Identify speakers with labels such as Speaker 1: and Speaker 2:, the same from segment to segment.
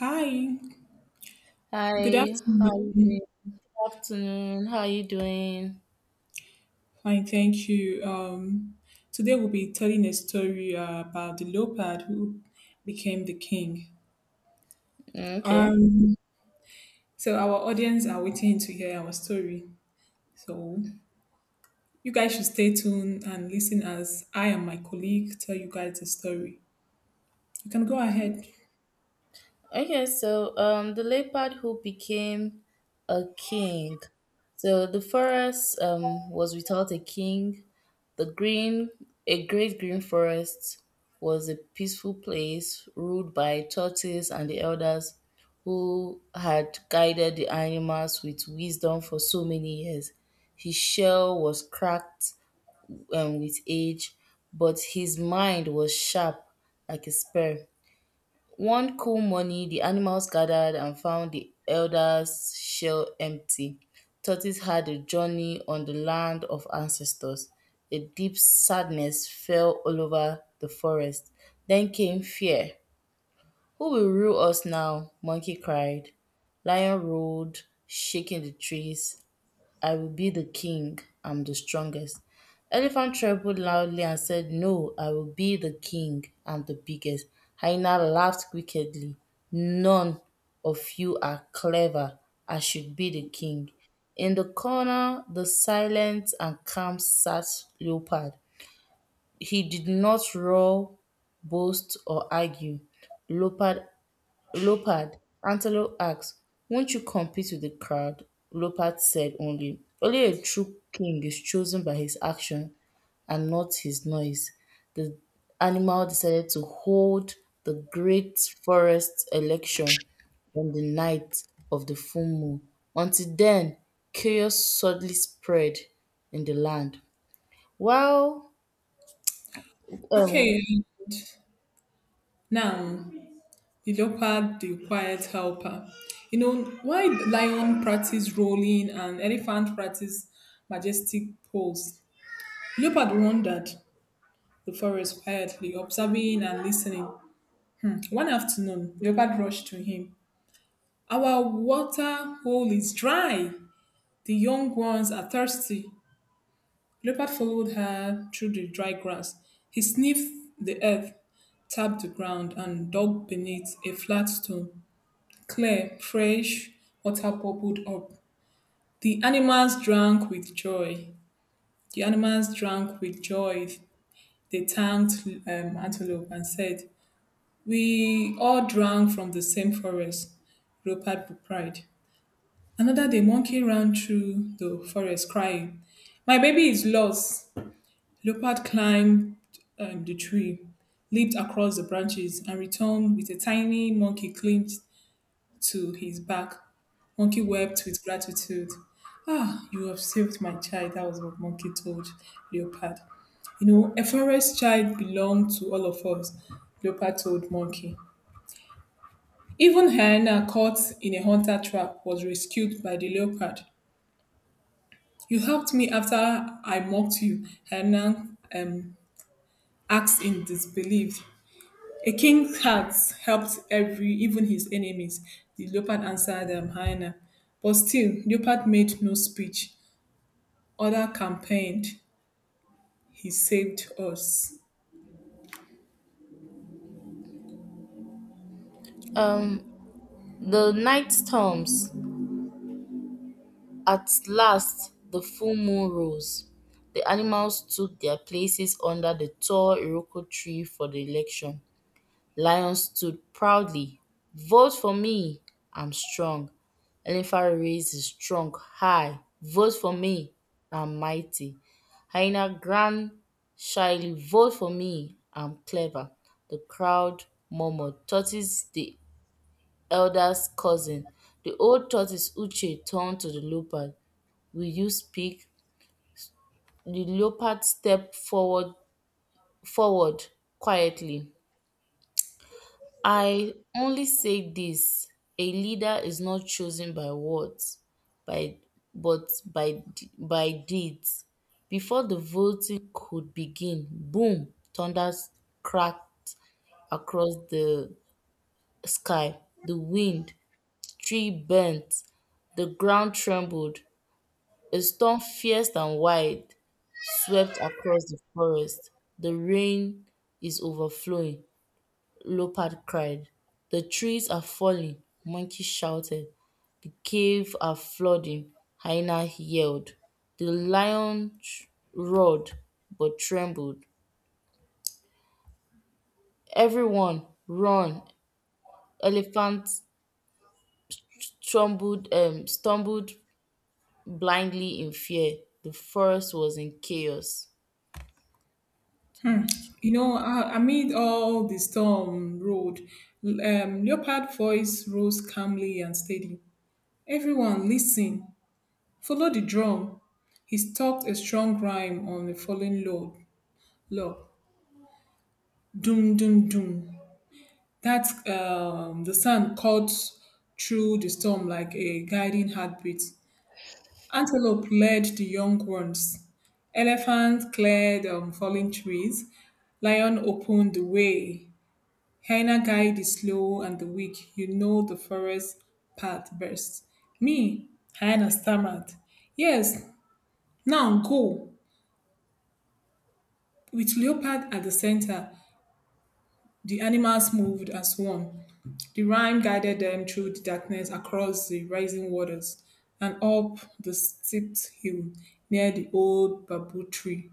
Speaker 1: Hi, good
Speaker 2: Hi, how you
Speaker 1: afternoon.
Speaker 2: doing? Good afternoon. How you doing?
Speaker 1: Fine, thank you. Today we'll be telling a story about the leopard who became the king.
Speaker 2: Mm, okay.
Speaker 1: Um, so our audience are waiting to hear our story. So you guys should stay tuned and listen as I and my colleague tell you guys the story. You can go ahead.
Speaker 2: Okay, so the leopard who became a king. So the forest was without a king. The green A great green forest was a peaceful place ruled by tortoise and the elders who had guided the animals with wisdom for so many years. His shell was cracked, with age, but his mind was sharp like a spear. One cool morning, the animals gathered and found the elder's shell empty. Tortoise had a journey on the land of ancestors. A deep sadness fell all over the forest. Then came fear. Who will rule us now? Monkey cried. Lion roared, shaking the trees. I will be the king. I'm the strongest. Elephant trembled loudly and said, no, I will be the king. I'm the biggest. Hyena laughed wickedly. None of you are clever. I should be the king. In the corner, the silent and calm sat Leopard. He did not roar, boast, or argue. Leopard Leopard: Antelope asked, “Won't you compete with the crowd?” Leopard said only, “Only a true king is chosen by his action, and not his noise.” The animal decided to hold the Great Forest election on the night of the full moon. Until then, chaos suddenly spread in the land. While
Speaker 1: Okay,
Speaker 2: um,
Speaker 1: and now the leopard, the quiet helper. You know, why lion practice rolling and elephant practice majestic pose? Leopard wandered the forest quietly, observing and listening. One afternoon, leopard rushed to him. Our water hole is dry. The young ones are thirsty. Leopard followed her through the dry grass. He sniffed the earth, tapped the ground, and dug beneath a flat stone. Clear, fresh water bubbled up. The animals drank with joy. The animals drank with joy. They thanked Antelope and said, we all drank from the same forest, Rupert with pride. Another day, monkey ran through the forest crying, my baby is lost. Leopard climbed the tree, leaped across the branches, and returned with a tiny monkey clinched to his back. Monkey wept with gratitude. Ah, you have saved my child. That was what Monkey told Leopard. You know, a forest child belonged to all of us, Leopard told Monkey. Even hyena caught in a hunter trap was rescued by the leopard. You helped me after I mocked you, hyena asked in disbelief. A king's heart helped every, even his enemies, the leopard answered hyena. But still, leopard made no speech. Other campaigned. He saved us.
Speaker 2: um, the night storms. At last the full moon rose, the animals took their places under the tall Iroko tree for the election. Lion stood proudly. “Vote for me, I'm strong.” Elephant raised his trunk high. “Vote for me, I'm mighty.” Hyena grunted shyly. “Vote for me, I'm clever.” The crowd murmured. Tortoise, the elder's cousin, the old tortoise Uche, turned to the leopard. Will you speak? The leopard stepped forward quietly. I only say this: a leader is not chosen by words, by, but by deeds. Before the voting could begin, boom, thunder cracked across the sky. The wind, tree bent, the ground trembled. A storm fierce and wide swept across the forest. The rain is overflowing, Leopard cried. The trees are falling, Monkey shouted. The cave are flooding, Hyena yelled. The lion roared but trembled. Everyone run. Elephant stumbled blindly in fear. The forest was in chaos.
Speaker 1: You know, amid all the storm road, leopard voice rose calmly and steady. Everyone listen. Follow the drum. He stopped a strong rhyme on a falling log. Doom, doom, doom. That The sand cut through the storm like a guiding heartbeat. Antelope led the young ones. Elephant cleared falling trees. Lion opened the way. Hyena guided the slow and the weak. You know the forest path best. Me, hyena stammered. Yes, now go. With leopard at the center, the animals moved as one. The Rhine guided them through the darkness across the rising waters and up the steep hill near the old bamboo tree.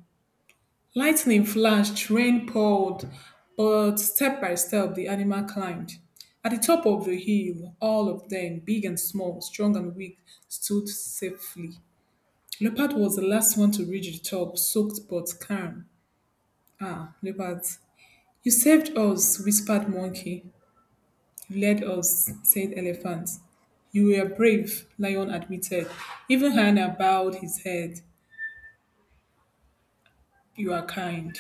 Speaker 1: Lightning flashed, rain poured, but step by step the animal climbed. At the top of the hill, all of them, big and small, strong and weak, stood safely. Leopard was the last one to reach the top, soaked but calm. Ah, Leopard, you saved us, whispered Monkey. You led us, said Elephant. You were brave, Lion admitted. Even Hannah bowed his head. You are kind.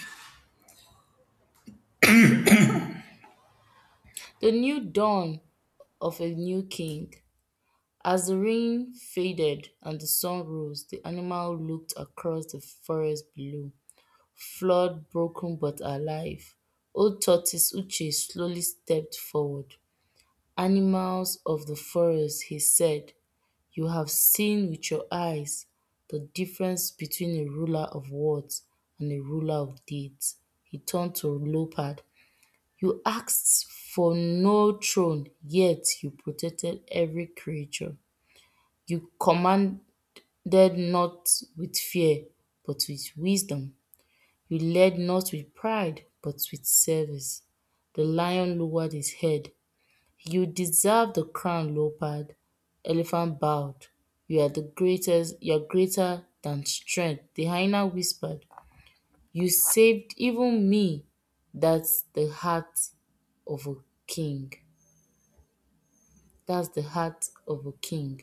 Speaker 2: The new dawn of a new king. As the rain faded and the sun rose, the animal looked across the forest below, flawed, broken, but alive. Old tortoise Uche slowly stepped forward. Animals of the forest, he said, you have seen with your eyes the difference between a ruler of words and a ruler of deeds. He turned to Leopard. You asked for no throne, yet you protected every creature. You commanded not with fear, but with wisdom. You led not with pride, but with service. The lion lowered his head. You deserve the crown, leopard. Elephant bowed. You are the greatest, you are greater than strength. The hyena whispered. You saved even me. That's the heart of a king. That's the heart of a king.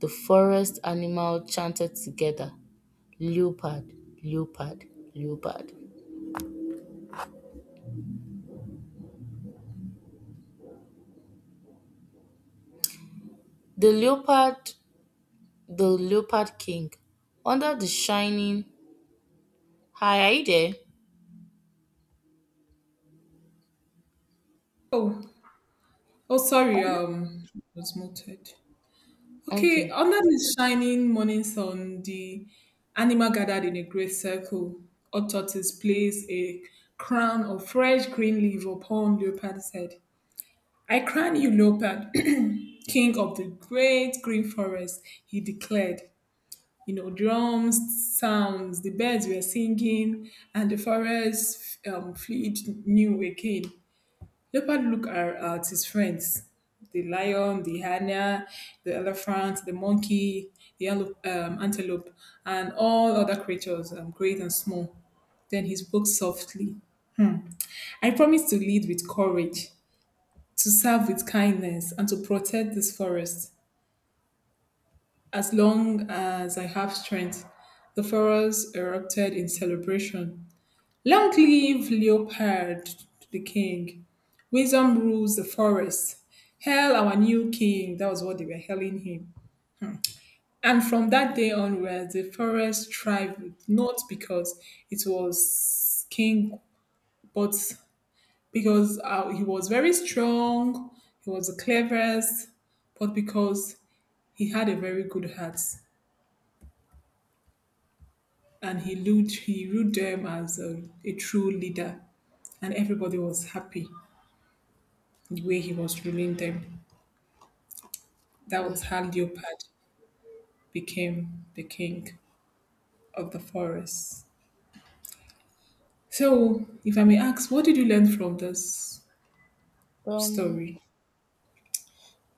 Speaker 2: The forest animal chanted together, Leopard, leopard, leopard. The leopard, the leopard king, under the shining. Hi, are you there?
Speaker 1: Oh, oh, sorry, was muted. Okay,
Speaker 2: Okay.
Speaker 1: under the shining morning sun, the animal gathered in a great circle. Odd Tortoise placed a crown of fresh green leaf upon Leopard's head. I crown you, Leopard, king of the great green forest, he declared. You know, drums, sounds, the birds were singing, and the forest fluid knew again. Leopard at his friends, the lion, the hyena, the elephant, the monkey, the antelope, and all other creatures, great and small. Then he spoke softly. I promise to lead with courage, to serve with kindness, and to protect this forest. As long as I have strength, the pharaohs erupted in celebration. Long live Leopard, the king. Wisdom rules the forest. Hail our new king. That was what they were hailing him. And from that day onwards, the forest thrived, not because it was king, but because he was very strong, he was the cleverest, but because he had a very good heart. And he ruled them as a true leader, and everybody was happy the way he was ruling them. That was how leopard became the king of the forest. So if I may ask, what did you learn from this
Speaker 2: Um,
Speaker 1: story?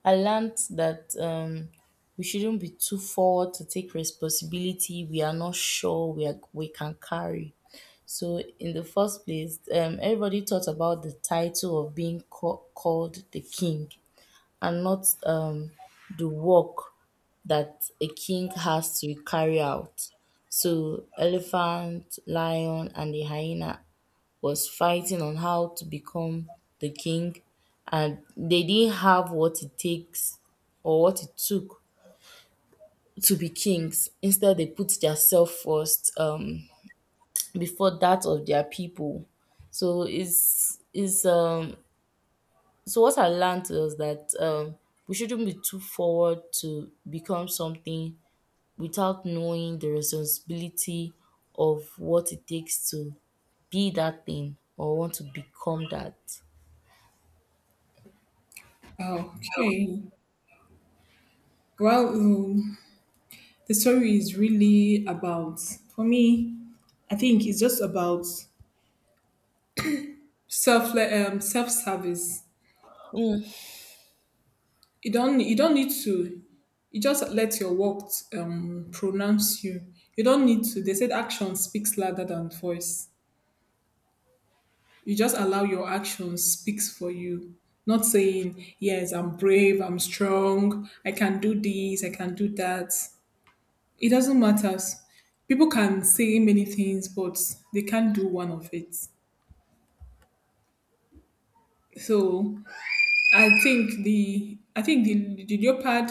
Speaker 2: I learned that, we shouldn't be too forward to take responsibility. We are not sure we can carry. So in the first place, everybody thought about the title of being called the king, and not, the work that a king has to carry out. So elephant, lion, and the hyena was fighting on how to become the king, and they didn't have what it takes or what it took to be kings. Instead, they put their self first, before that of their people. So it's is So what I learned was that, we shouldn't be too forward to become something without knowing the responsibility of what it takes to be that thing or want to become that.
Speaker 1: Okay, well, the story is really about, for me, I think it's just about self, self-service.
Speaker 2: Mm,
Speaker 1: You don't need to. You just let your words pronounce you. You don't need to. They said action speaks louder than voice. You just allow your action speaks for you. Not saying yes, I'm brave, I'm strong, I can do this, I can do that. It doesn't matter. People can say many things, but they can't do one of it. So I think the leopard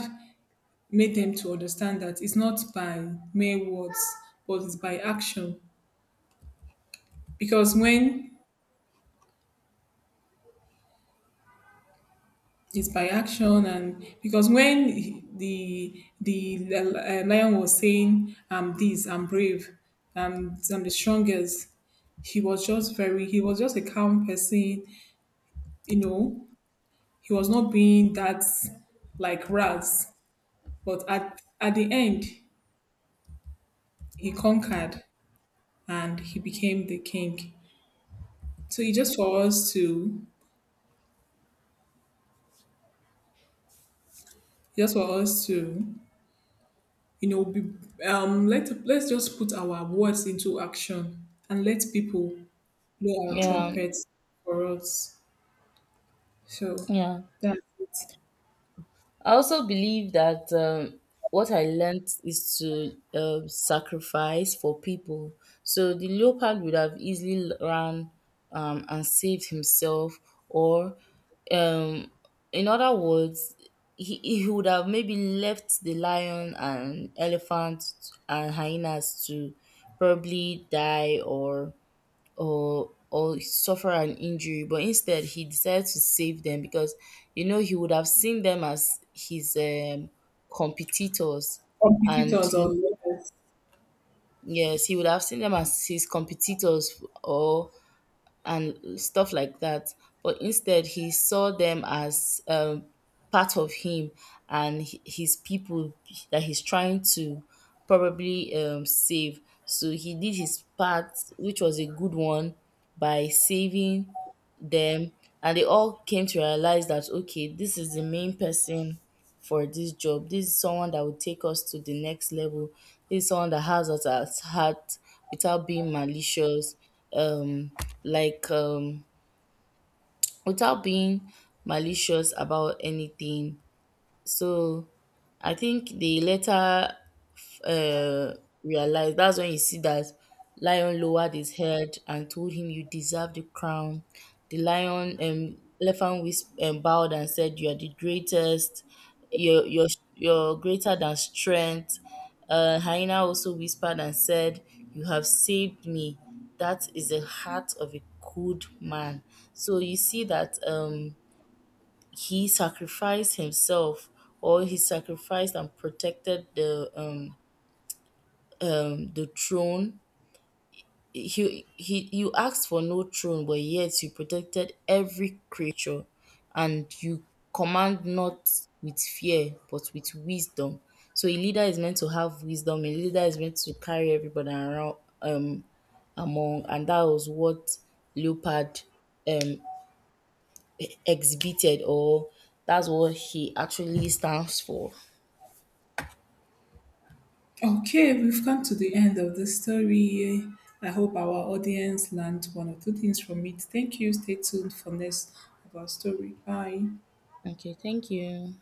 Speaker 1: made them to understand that it's not by mere words, but it's by action. Because when it's by action, and because when the lion was saying, "I'm this, I'm brave, I'm the strongest," he was just very, he was just a calm person. You know, he was not being that like rats. But at the end, he conquered and he became the king. So it's just for us to just for us to, you know, be, let let's just put our words into action and let people blow our
Speaker 2: yeah,
Speaker 1: trumpets for us. So
Speaker 2: yeah.
Speaker 1: that's it.
Speaker 2: I also believe that, what I learned is to sacrifice for people. So the leopard would have easily run, and saved himself, or, um, in other words, he would have maybe left the lion and elephant and hyenas to probably die or or suffer an injury, but instead he decided to save them because, you know, he would have seen them as his competitors. And
Speaker 1: Competitors or leaders.
Speaker 2: yes, he would have seen them as his competitors or and stuff like that. But instead, he saw them as, part of him and his people that he's trying to probably save. So he did his part, which was a good one, by saving them, and they all came to realize that okay, this is the main person for this job, this is someone that will take us to the next level, this is someone that has us at heart without being malicious, um like without being malicious about anything. So I think they later, uh, realized, that's when you see that lion lowered his head and told him, "You deserve the crown." The lion, elephant whisp bowed and said, "You are the greatest. You're you're you're greater than strength." Hyena also whispered and said, "You have saved me. That is the heart of a good man." So you see that he sacrificed himself, or he sacrificed and protected the throne. He You asked for no throne but yet you protected every creature, and you command not with fear but with wisdom. So a leader is meant to have wisdom, a leader is meant to carry everybody around, um among, and that was what leopard, um exhibited, or that's what he actually stands for.
Speaker 1: Okay, we've come to the end of the story. I hope our audience learned one or two things from it. Thank you, stay tuned for next of our story. Bye.
Speaker 2: Okay, thank you.